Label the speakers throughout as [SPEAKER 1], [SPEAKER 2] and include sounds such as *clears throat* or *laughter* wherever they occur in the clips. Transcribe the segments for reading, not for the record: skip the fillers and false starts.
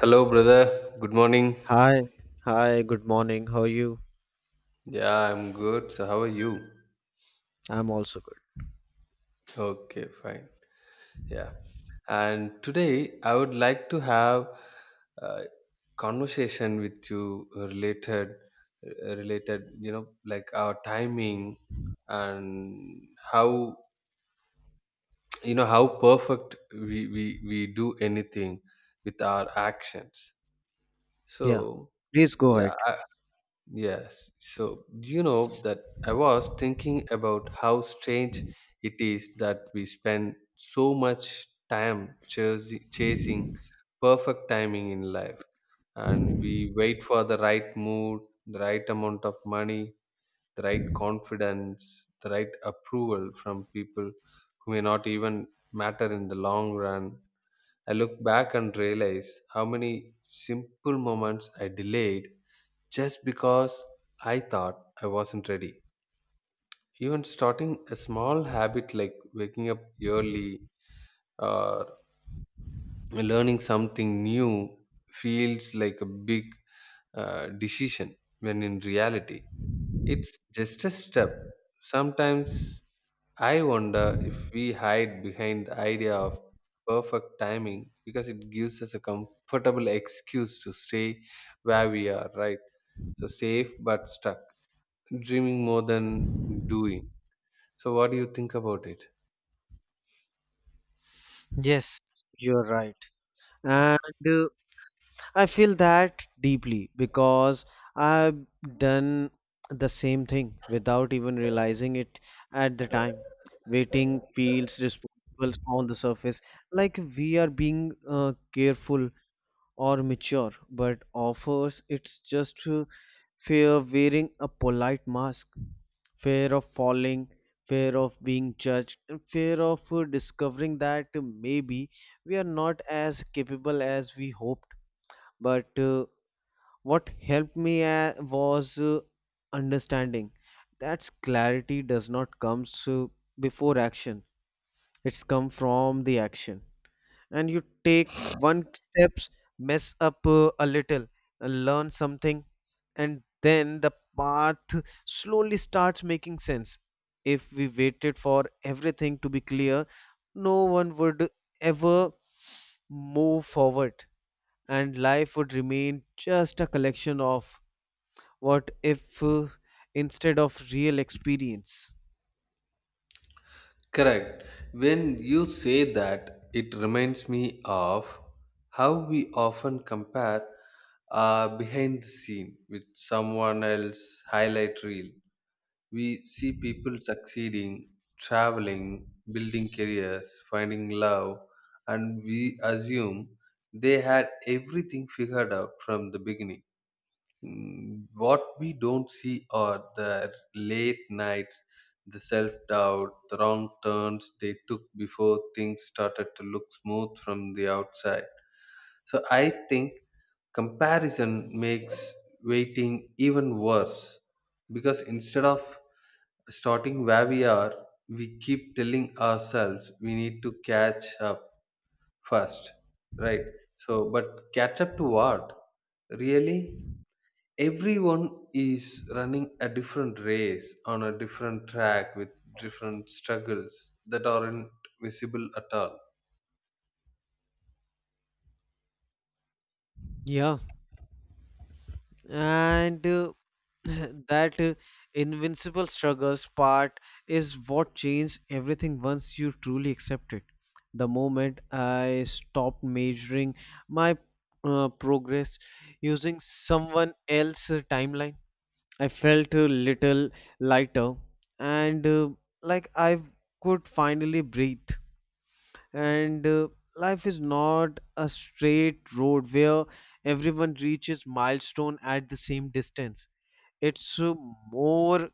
[SPEAKER 1] Hello, brother. Good morning.
[SPEAKER 2] Hi, hi, good morning. How are you?
[SPEAKER 1] Yeah, I'm good. So, how are you?
[SPEAKER 2] I'm also good.
[SPEAKER 1] Okay, fine. Yeah. And today, I would like to have a conversation with you related, related, you know, like our timing and how, you know, how perfect we do anything with our actions.
[SPEAKER 2] Yeah,
[SPEAKER 1] So,
[SPEAKER 2] please go
[SPEAKER 1] yeah,
[SPEAKER 2] ahead.
[SPEAKER 1] Yes. So, you know that I was thinking about how strange it is that we spend so much time chasing perfect timing in life and we wait for the right mood, the right amount of money, the right confidence, the right approval from people who may not even matter in the long run. I look back and realize how many simple moments I delayed just because I thought I wasn't ready. Even starting a small habit like waking up early or learning something new feels like a big decision when in reality it's just a step. Sometimes I wonder if we hide behind the idea of perfect timing because it gives us a comfortable excuse to stay where we are, right? So safe but stuck, dreaming more than doing. So, what do you think about it?
[SPEAKER 2] Yes, you're right. And I feel that deeply because I've done the same thing without even realizing it at the time. Waiting feels responsible on the surface, like we are being careful or mature, but offers it's just fear wearing a polite mask, fear of falling, fear of being judged, and fear of discovering that maybe we are not as capable as we hoped. But What helped me was understanding that clarity does not come so before action, it's come from the action, and you take one steps, mess up a little, and learn something, and then the path slowly starts making sense. If we waited for everything to be clear, no one would ever move forward, and life would remain just a collection of what if instead of real experience.
[SPEAKER 1] Correct. When you say that, it reminds me of how we often compare behind the scene with someone else's highlight reel. We see people succeeding, traveling, building careers, finding love, and we assume they had everything figured out from the beginning. What we don't see are the late nights, the self doubt, the wrong turns they took before things started to look smooth from the outside. So I think comparison makes waiting even worse because instead of starting where we are, we keep telling ourselves we need to catch up first, right? So, but catch up to what? Really? Everyone is running a different race on a different track with different struggles that aren't visible at all.
[SPEAKER 2] Yeah, and *laughs* that invincible struggles part is what changed everything once you truly accept it. The moment I stopped measuring my progress using someone else's timeline, I felt a little lighter, and like I could finally breathe. And Life is not a straight road where everyone reaches milestone at the same distance. It's more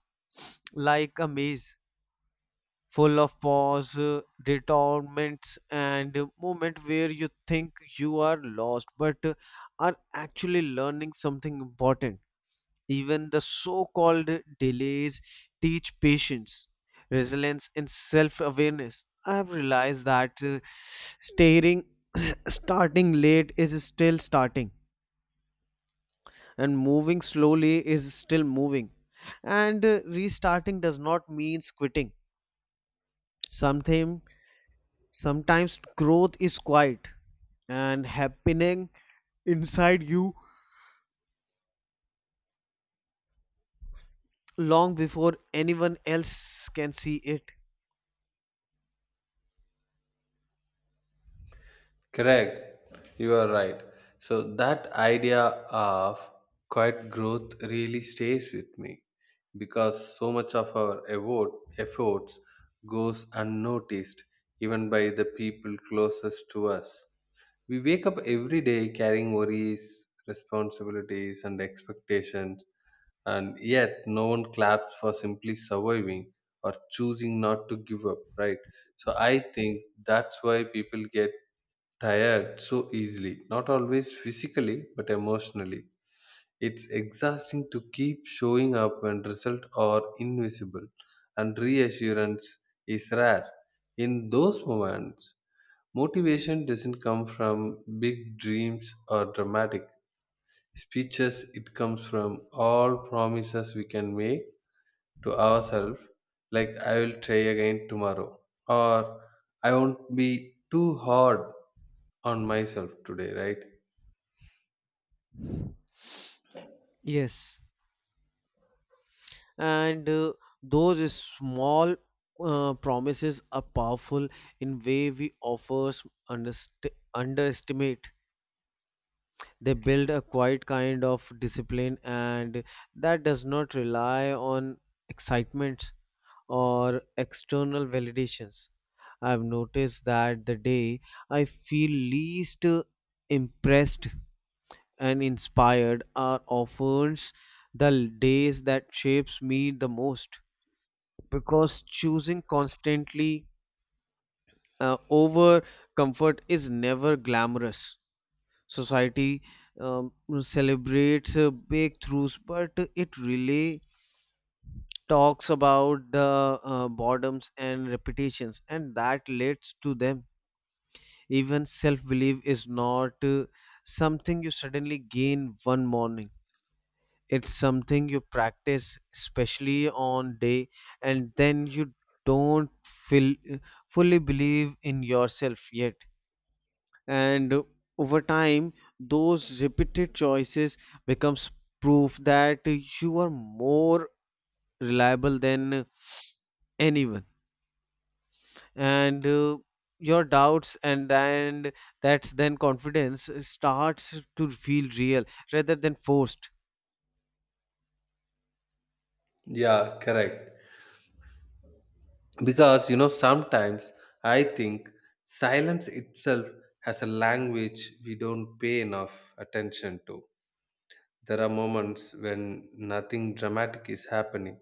[SPEAKER 2] like a maze full of pause, detourments, and moment where you think you are lost, but are actually learning something important. Even the so called delays teach patience, resilience, and self awareness. I have realized that staring, *clears throat* starting late is still starting, and moving slowly is still moving, and restarting does not mean quitting something. Sometimes growth is quiet and happening inside you long before anyone else can see it.
[SPEAKER 1] Correct, you are right. So that idea of quiet growth really stays with me because so much of our efforts goes unnoticed even by the people closest to us. We wake up every day carrying worries, responsibilities, and expectations, and yet no one claps for simply surviving or choosing not to give up, right? So I think that's why people get tired so easily, not always physically, but emotionally. It's exhausting to keep showing up when results are invisible and reassurance is rare. In those moments, motivation doesn't come from big dreams or dramatic speeches, it comes from all promises we can make to ourselves, like I will try again tomorrow, or I won't be too hard on myself today, right?
[SPEAKER 2] Yes. and Those small promises are powerful in way we offers underst- underestimate. They build a quiet kind of discipline, and that does not rely on excitement or external validations. I've noticed that the day I feel least impressed and inspired are often the days that shapes me the most, because choosing constantly over comfort is never glamorous. Society um, celebrates breakthroughs, but it really talks about the boredoms and repetitions, and that leads to them. Even self belief is not something you suddenly gain one morning. It's something you practice, especially on day, and then you don't feel fully believe in yourself yet. And over time those repeated choices becomes proof that you are more reliable than anyone and your doubts, and then that's then confidence starts to feel real rather than forced.
[SPEAKER 1] Yeah, correct. Because you know, sometimes I think silence itself has a language we don't pay enough attention to. There are moments when nothing dramatic is happening,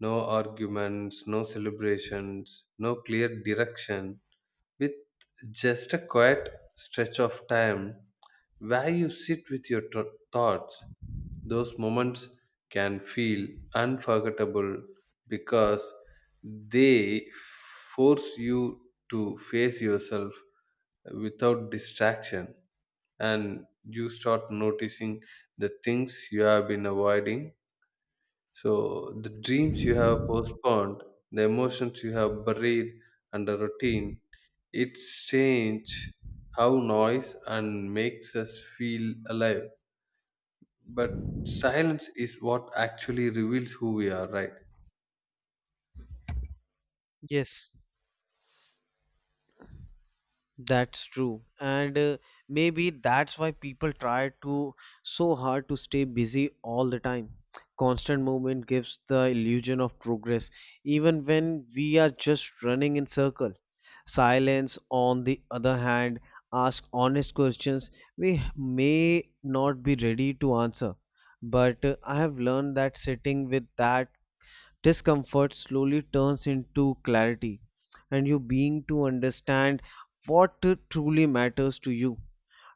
[SPEAKER 1] no arguments, no celebrations, no clear direction, with just a quiet stretch of time where you sit with your thoughts. Those moments can feel unforgettable because they force you to face yourself without distraction and you start noticing the things you have been avoiding, so the dreams you have postponed, the emotions you have buried under routine, it's change how noise and makes us feel alive. But silence is what actually reveals who we are, right?
[SPEAKER 2] Yes, that's true. And Maybe that's why people try to so hard to stay busy all the time. Constant movement gives the illusion of progress, even when we are just running in circle. Silence, on the other hand, asks honest questions we may not be ready to answer. But I have learned that sitting with that discomfort slowly turns into clarity, and you being to understand what truly matters to you,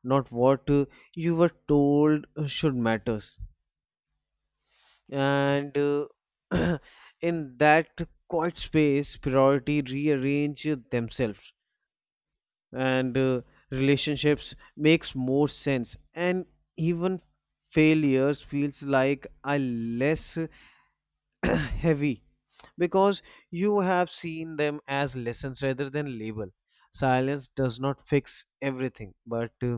[SPEAKER 2] not what you were told should matters. And *clears throat* In that quiet space priority rearrange themselves, and relationships makes more sense, and even failures feels like a less heavy, because you have seen them as lessons rather than label. Silence does not fix everything, but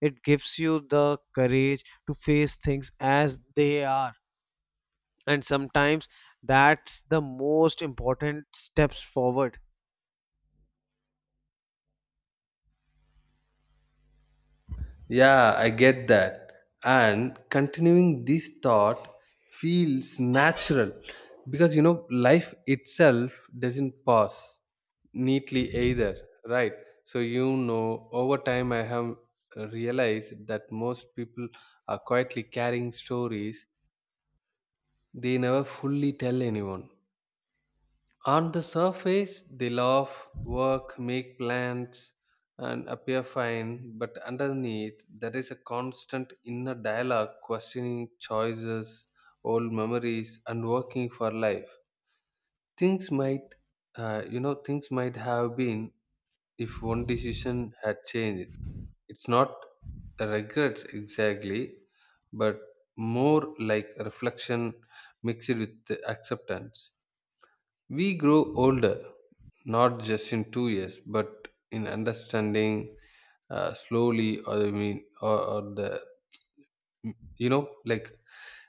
[SPEAKER 2] it gives you the courage to face things as they are, and sometimes that's the most important steps forward.
[SPEAKER 1] Yeah, I get that. And continuing this thought feels natural because you know life itself doesn't pause neatly either, right? So you know over time I have realized that most people are quietly carrying stories they never fully tell anyone. On the surface they laugh, work, make plans and appear fine, but underneath there is a constant inner dialogue questioning choices, old memories and working for life things might, you know, things might have been if one decision had changed. It's not regrets exactly, but more like reflection mixed with the acceptance. We grow older, not just in 2 years, but in understanding slowly, or I mean, or the you know, like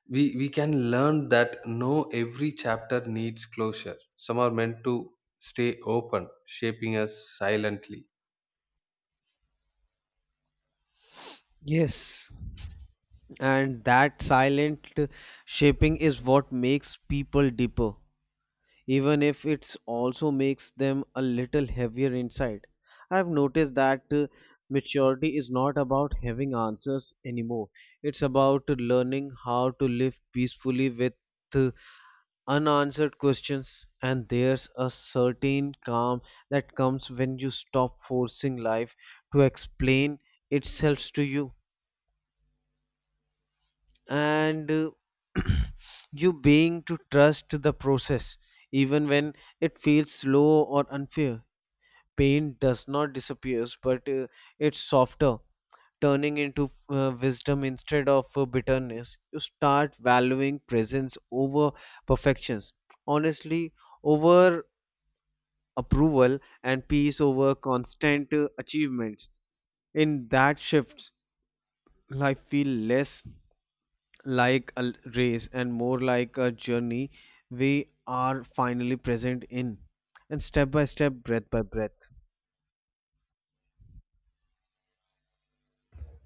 [SPEAKER 1] we can learn that no every chapter needs closure. Some are meant to stay open, shaping us silently.
[SPEAKER 2] Yes, and that silent shaping is what makes people deeper, even if it's also makes them a little heavier inside. I've noticed that maturity is not about having answers anymore. It's about learning how to live peacefully with uh, unanswered questions, and there's a certain calm that comes when you stop forcing life to explain itself to you. And *clears throat* You being to trust the process even when it feels slow or unfair. Pain does not disappears, but it's softer, turning into wisdom instead of bitterness. You start valuing presence over perfections, honestly over approval, and peace over constant achievements. In that shifts, life feel less like a race and more like a journey we are finally present in, and step by step, breath by breath.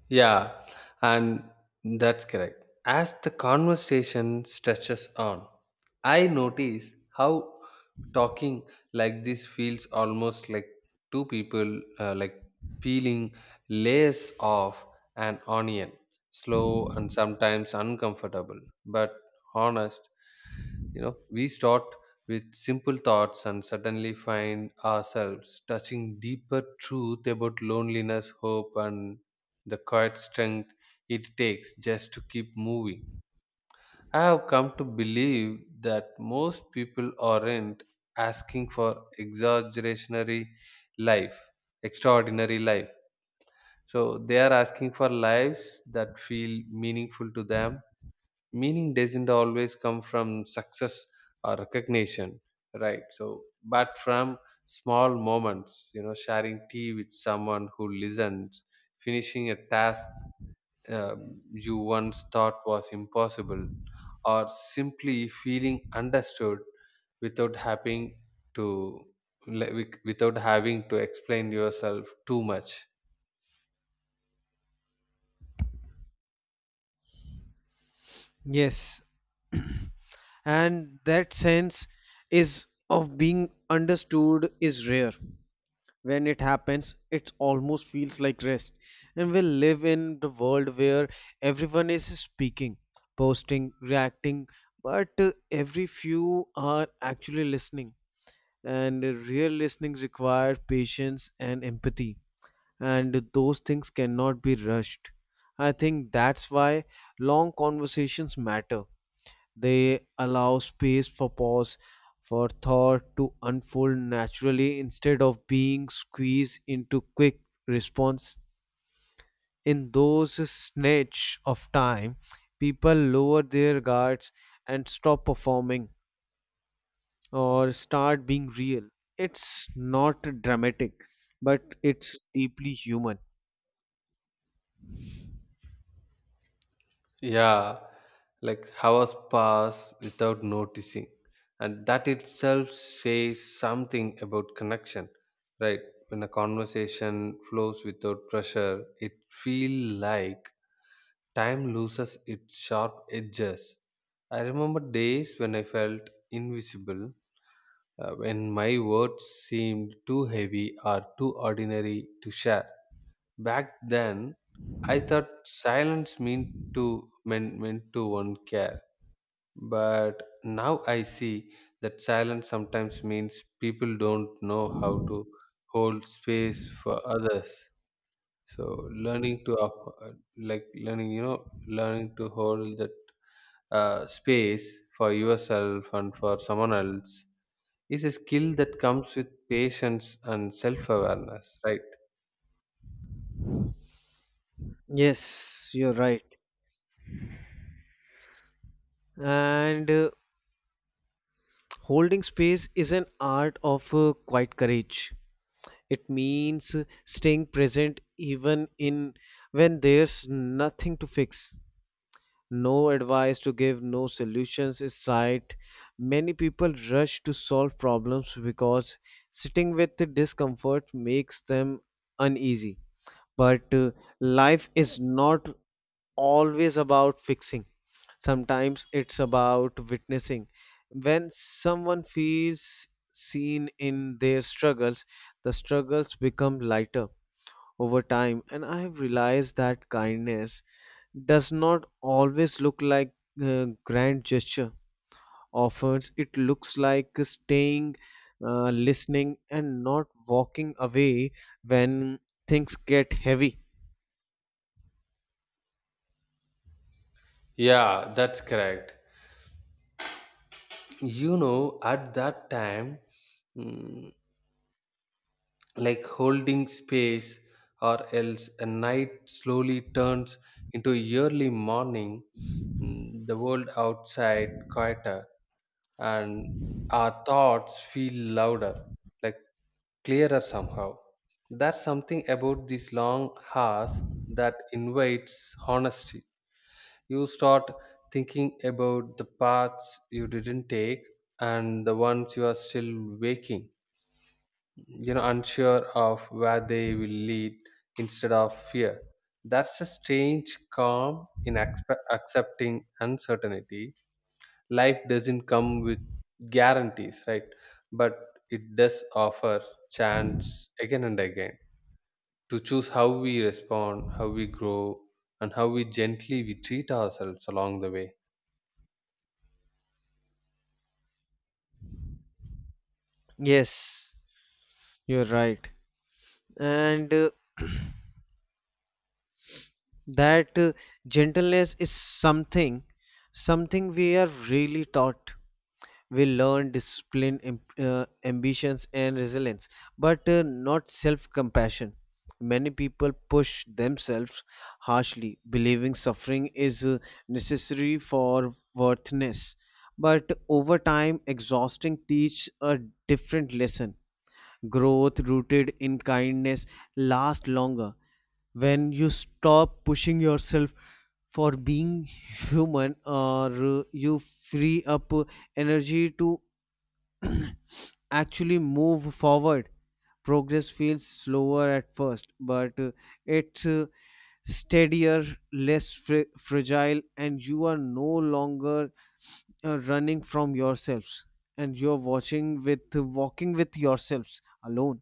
[SPEAKER 1] Yeah, and that's correct. As the conversation stretches on, I notice how talking like this feels almost like two people like peeling layers off an onion, slow and sometimes uncomfortable, but honest. You know, we start with simple thoughts and suddenly find ourselves touching deeper truth about loneliness, hope, and the quiet strength it takes just to keep moving. I have come to believe that most people aren't asking for exaggerationary life, extraordinary life. So they are asking for lives that feel meaningful to them. Meaning doesn't always come from success or recognition, right? So, but from small moments, you know, sharing tea with someone who listens, finishing a task you once thought was impossible, or simply feeling understood without having to, without having to explain yourself too much.
[SPEAKER 2] Yes, and that sense is of being understood is rare. When it happens, it almost feels like rest. And we live in the world where everyone is speaking, posting, reacting, but every few are actually listening. And Real listening requires patience and empathy, and those things cannot be rushed. I think that's why long conversations matter. They allow space for pause, for thought to unfold naturally instead of being squeezed into quick response. In those snatch of time, people lower their guards and stop performing or start being real. It's not dramatic, but it's deeply human.
[SPEAKER 1] Yeah, like hours pass without noticing, and that itself says something about connection, right? When a conversation flows without pressure, it feels like time loses its sharp edges. I remember days when I felt invisible, when my words seemed too heavy or too ordinary to share. Back then, I thought silence meant to meant, meant to one care, but now I see that silence sometimes means people don't know how to hold space for others. So learning to like learning to hold that space for yourself and for someone else is a skill that comes with patience and self-awareness, right?
[SPEAKER 2] Yes, you're right. And Holding space is an art of quiet courage. It means staying present even in when there's nothing to fix, no advice to give, no solutions is right. Many people rush to solve problems because sitting with the discomfort makes them uneasy. But Life is not always about fixing. Sometimes it's about witnessing. When someone feels seen in their struggles, the struggles become lighter over time, and I have realized that kindness does not always look like a grand gesture. Often it looks like staying, listening, and not walking away when things get heavy.
[SPEAKER 1] Yeah, that's correct. You know, at that time, mm, like holding space, or else a night slowly turns into a early morning, the world outside quieter and our thoughts feel louder, like clearer somehow. There's something about these long hours that invites honesty. You start thinking about the paths you didn't take and the ones you are still waking, you know, unsure of where they will lead instead of fear. That's a strange calm in accepting uncertainty. Life doesn't come with guarantees, right? But it does offer chance again and again to choose how we respond, how we grow, and how we gently we treat ourselves along the way.
[SPEAKER 2] Yes, you're right. and That gentleness is something we are really taught. We learn discipline, ambitions, and resilience, but not self compassion. Many people push themselves harshly, believing suffering is necessary for worthiness, but over time exhausting teach a different lesson. Growth rooted in kindness lasts longer. When you stop pushing yourself for being human, or you free up energy to actually move forward. Progress feels slower at first, but it's steadier, fragile, and you are no longer running from yourselves, and you're watching with walking with yourselves alone.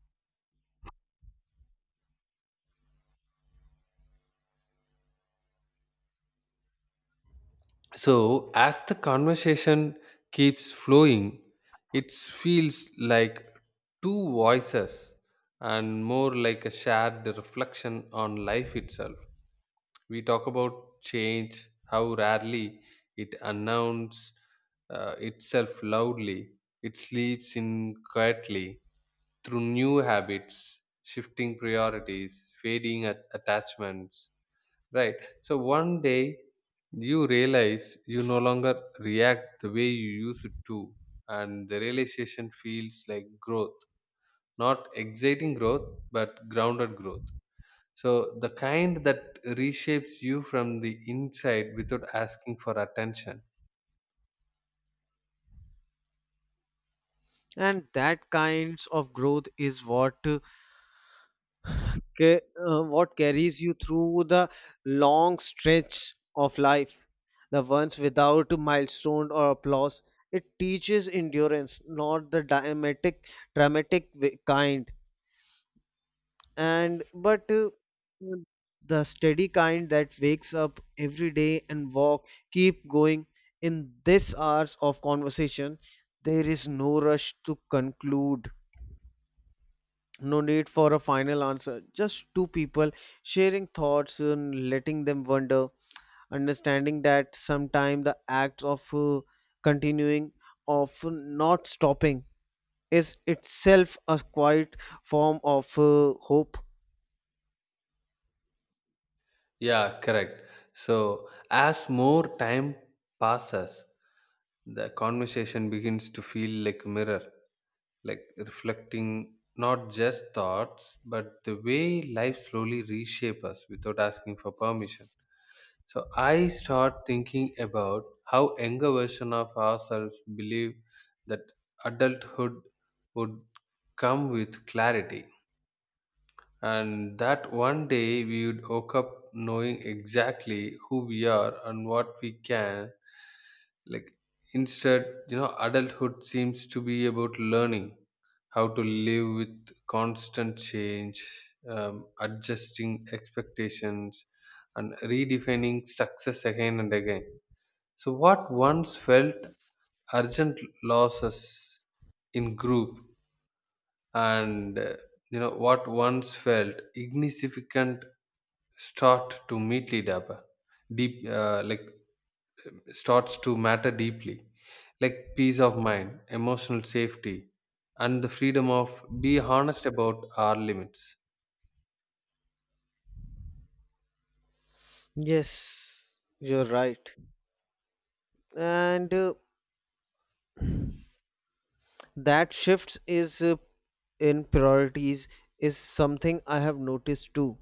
[SPEAKER 1] So as the conversation keeps flowing it feels like two voices and more like a shared reflection on life itself. We talk about change, how rarely it announces itself loudly. It sleeps in quietly through new habits, shifting priorities, attachments. Right. So one day you realize you no longer react the way you used to, and the realization feels like growth, not exciting growth, but grounded growth. So the kind that reshapes you from the inside without asking for attention.
[SPEAKER 2] And that kinds of growth is what ca- what carries you through the long stretch of life, the ones without milestone or applause. It teaches endurance, not the dramatic kind, and but mm, the steady kind that wakes up every day and walk keep going. In this hours of conversation there is no rush to conclude. No need for a final answer. Just two people sharing thoughts and letting them wonder, understanding that sometimes the act of continuing, of not stopping, is itself a quiet form of hope.
[SPEAKER 1] Yeah, correct. So as more time passes, the conversation begins to feel like a mirror, like reflecting not just thoughts, but the way life slowly reshapes us without asking for permission. So I start thinking about how younger version of ourselves believe that adulthood would come with clarity and that one day we would wake up knowing exactly who we are and what we can, like, instead, you know, adulthood seems to be about learning how to live with constant change, adjusting expectations and redefining success again and again. So, what once felt urgent losses in group, and you know what once felt insignificant, start to meetly dapper, deep like starts to matter deeply, like peace of mind, emotional safety, and the freedom of be honest about our limits.
[SPEAKER 2] Yes, you're right. And That shifts is in priorities is something I have noticed too.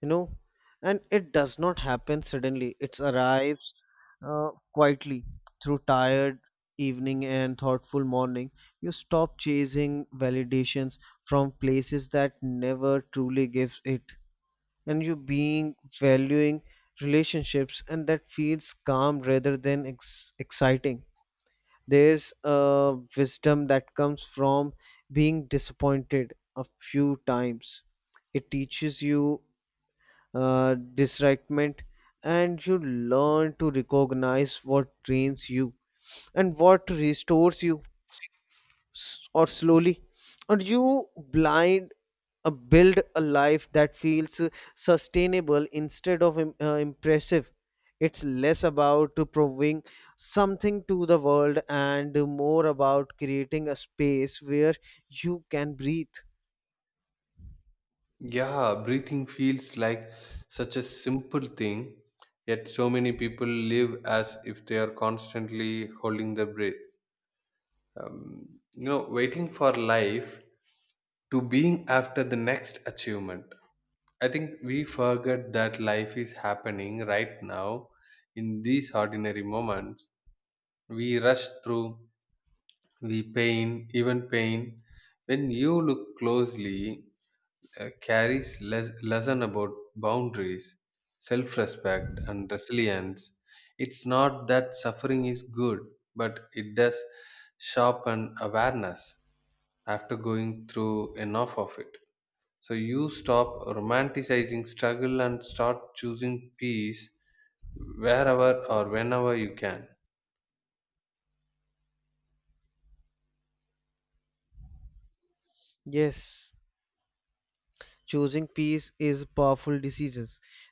[SPEAKER 2] You know, and it does not happen suddenly. It arrives quietly, through tired evening and thoughtful morning. You stop chasing validations from places that never truly gives it, and you being valuing relationships, and that feels calm rather than exciting. There's a wisdom that comes from being disappointed a few times. It teaches you disrightment, and you learn to recognize what drains you and what restores you. Or slowly, or you blind, build a life that feels sustainable instead of impressive. It's less about to proving something to the world, and more about creating a space where you can breathe.
[SPEAKER 1] Yeah, breathing feels like such a simple thing, yet so many people live as if they are constantly holding their breath, um, you know, waiting for life to being after the next achievement. I think we forget that life is happening right now in these ordinary moments we rush through. We pain, when you look closely, carries lesson about boundaries, self-respect and resilience. It's not that suffering is good, but it does sharpen awareness after going through enough of it. So you stop romanticizing struggle and start choosing peace wherever or whenever you can.
[SPEAKER 2] Yes, choosing peace is a powerful decision,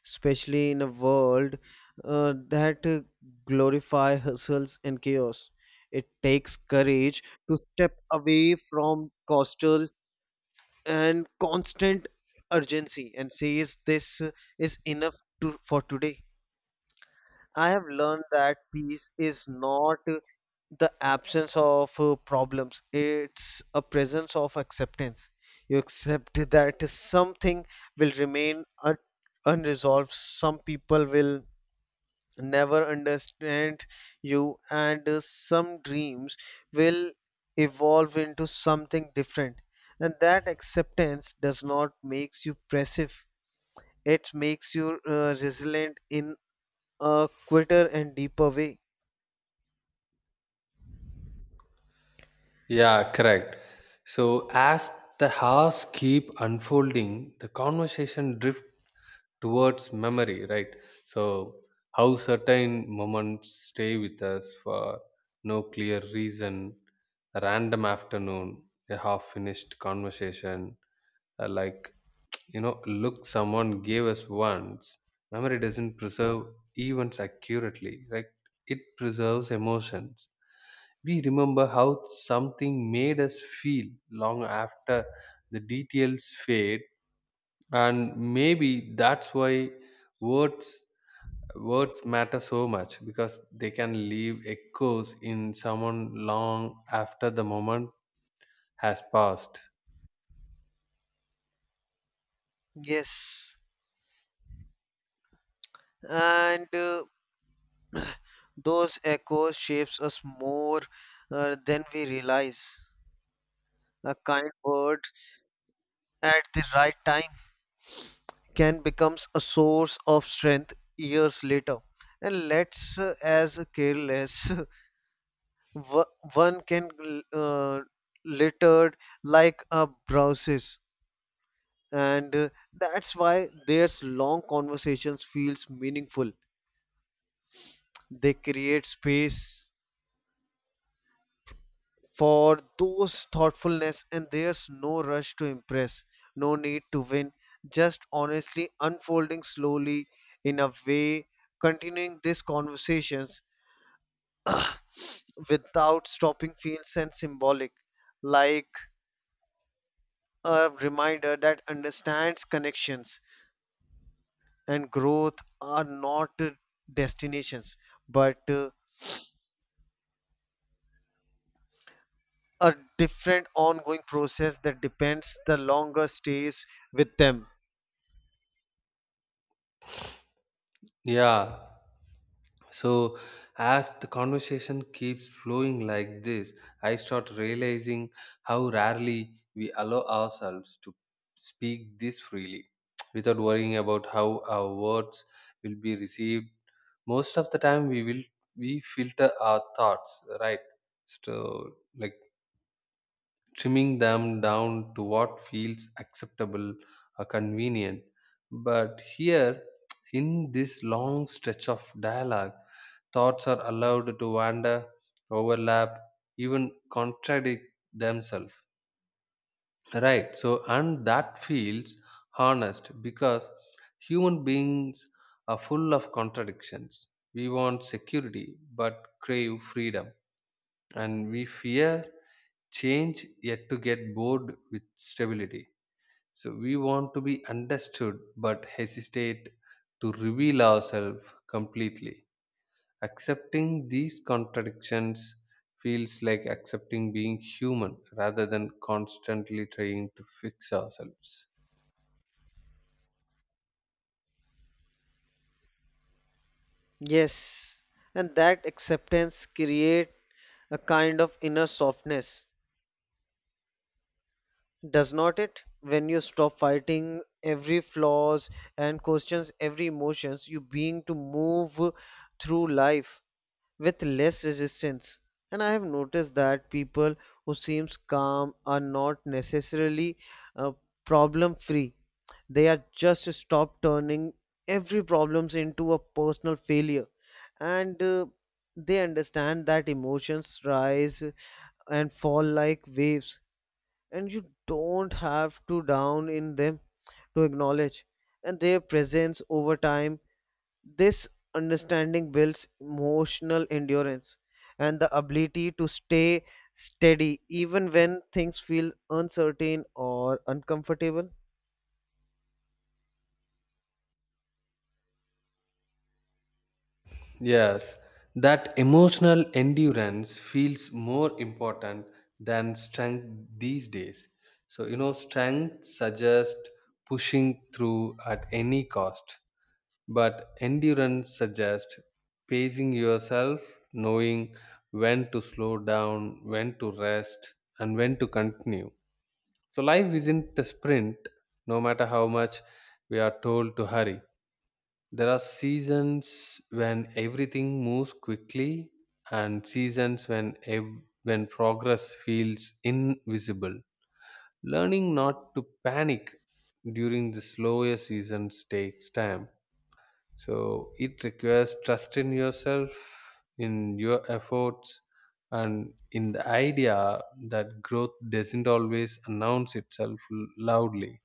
[SPEAKER 2] especially in a world that glorify hustles and chaos. It takes courage to step away from coastal and constant urgency and says this is enough to, for today. I have learned that peace is not the absence of problems, it's a presence of acceptance. You accept that something will remain unresolved, some people will never understand you, and some dreams will evolve into something different. And that acceptance does not makes you passive. It makes you resilient in a quicker and deeper way.
[SPEAKER 1] Yeah, correct. So as the hours keep unfolding, the conversation drift towards memory, right? So how certain moments stay with us for no clear reason, a random afternoon, a half-finished conversation, like you know, look someone gave us once. Memory doesn't preserve events accurately, right? It preserves emotions. We remember how something made us feel long after the details fade, and maybe that's why words words matter so much because they can leave echoes in someone long after the moment has passed.
[SPEAKER 2] Yes, and those echoes shapes us more than we realize. A kind word at the right time can becomes a source of strength years later. And let's as careless *laughs* wo- one can uh, littered like a browses, and that's why there's long conversations feels meaningful. They create space for those thoughtfulness, and there's no rush to impress, no need to win, just honestly unfolding slowly. In a way, continuing these conversations without stopping feels and symbolic, like a reminder that understands connections and growth are not destinations, but a different ongoing process that depends the longer stays with them.
[SPEAKER 1] Yeah. So, as the conversation keeps flowing like this, I start realizing how rarely we allow ourselves to speak this freely *tsk* without worrying about how our words will be received. Most of the time, we filter our thoughts, right? So, like trimming them down to what feels acceptable or convenient. But here, *tsk* in this long stretch of dialogue, thoughts are allowed to wander, overlap, even contradict themselves. Right. So, and that feels honest because human beings are full of contradictions. We want security but crave freedom, and we fear change yet to get bored with stability. So, we want to be understood but hesitate to reveal ourselves completely. Accepting these contradictions feels like accepting being human rather than constantly trying to fix ourselves.
[SPEAKER 2] Yes, and that acceptance create a kind of inner softness, does not it? When you stop fighting every flaws and questions every emotions, you being to move through life with less resistance. And I have noticed that people who seems calm are not necessarily uh, problem free. They are just stop turning every problems into a personal failure, and they understand that emotions rise and fall like waves, and you don't have to down in them to acknowledge. And their presence over time this understanding builds emotional endurance and the ability to stay steady even when things feel uncertain or uncomfortable.
[SPEAKER 1] Yes, that emotional endurance feels more important than strength these days. So, you know, strength suggests pushing through at any cost, but endurance suggests pacing yourself, knowing when to slow down, when to rest, and when to continue. So life isn't a sprint, no matter how much we are told to hurry. There are seasons when everything moves quickly and seasons when progress feels invisible. Learning not to panic during the slower seasons takes time. So it requires trust in yourself, in your efforts, and in the idea that growth doesn't always announce itself loudly.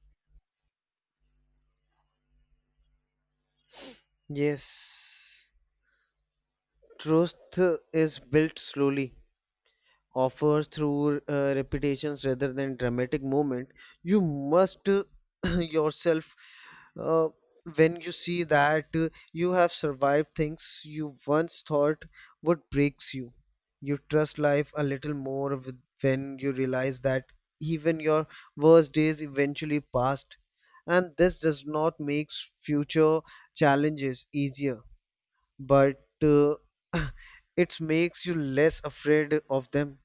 [SPEAKER 2] Yes, truth is built slowly offer through repetitions rather than dramatic moment. You must *clears throat* yourself uh, when you see that you have survived things you once thought would breaks you. You trust life a little more when you realize that even your worst days eventually passed, and this does not make future challenges easier, but *laughs* it makes you less afraid of them.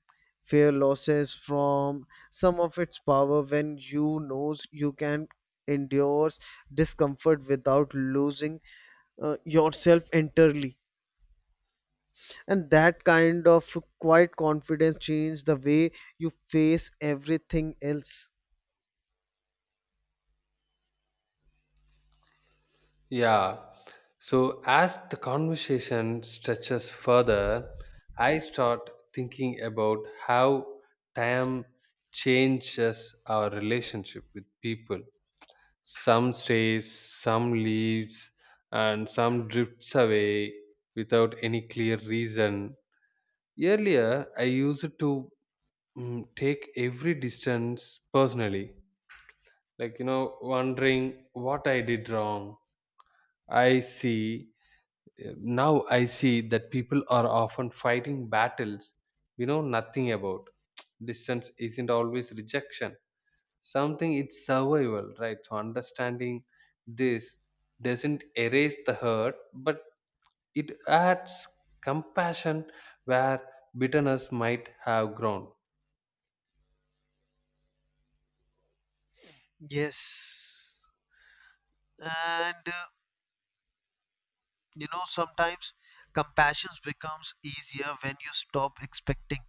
[SPEAKER 2] Fear losses from some of its power when you knows you can endure discomfort without losing yourself entirely, and that kind of quiet confidence change the way you face everything else.
[SPEAKER 1] Yeah. So as the conversation stretches further, I start thinking about how time changes our relationship with people. Some stays, some leaves, and some drifts away without any clear reason. Earlier, I used to take every distance personally, like, you know, wondering what I did wrong. I see now I see that people are often fighting battles we know nothing about. Distance isn't always rejection, something it's survival, right? So understanding this doesn't erase the hurt but it adds compassion where bitterness might have grown.
[SPEAKER 2] Yes. And You know, sometimes compassion becomes easier when you stop expecting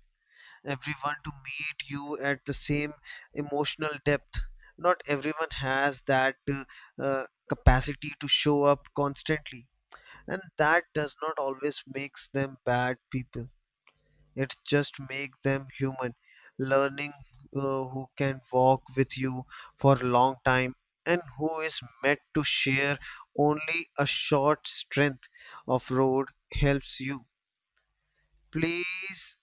[SPEAKER 2] everyone to meet you at the same emotional depth. Not everyone has that capacity to show up constantly, and that does not always makes them bad people. It just makes them human. Learning who can walk with you for a long time and who is meant to share only a short strength of road helps you. Please,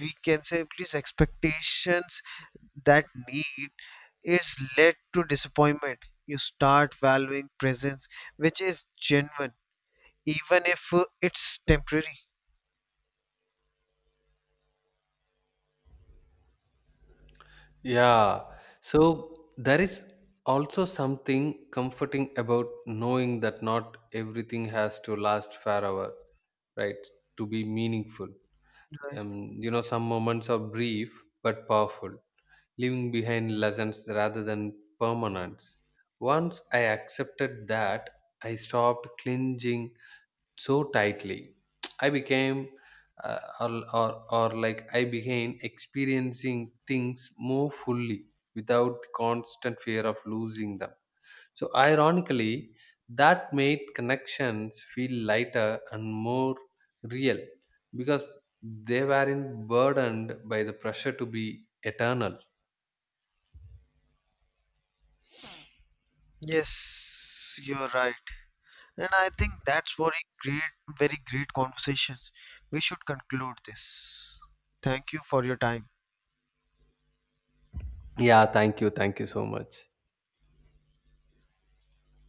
[SPEAKER 2] we can say, please expectations that need is led to disappointment. You start valuing presence, which is genuine even if it's temporary.
[SPEAKER 1] Yeah, so there is also something comforting about knowing that not everything has to last forever, right, to be meaningful.
[SPEAKER 2] Right,
[SPEAKER 1] You know, some moments are brief but powerful, leaving behind lessons rather than permanence. Once I accepted that, I stopped clinging so tightly. I became, uh, or, or, or like I began experiencing things more fully without the constant fear of losing them. So ironically, that made connections feel lighter and more real because they weren't burdened by the pressure to be eternal.
[SPEAKER 2] yes, you're right, and I think that's very great, very great conversations. We should conclude this. Thank you for your time.
[SPEAKER 1] Yeah, thank you. Thank you so much.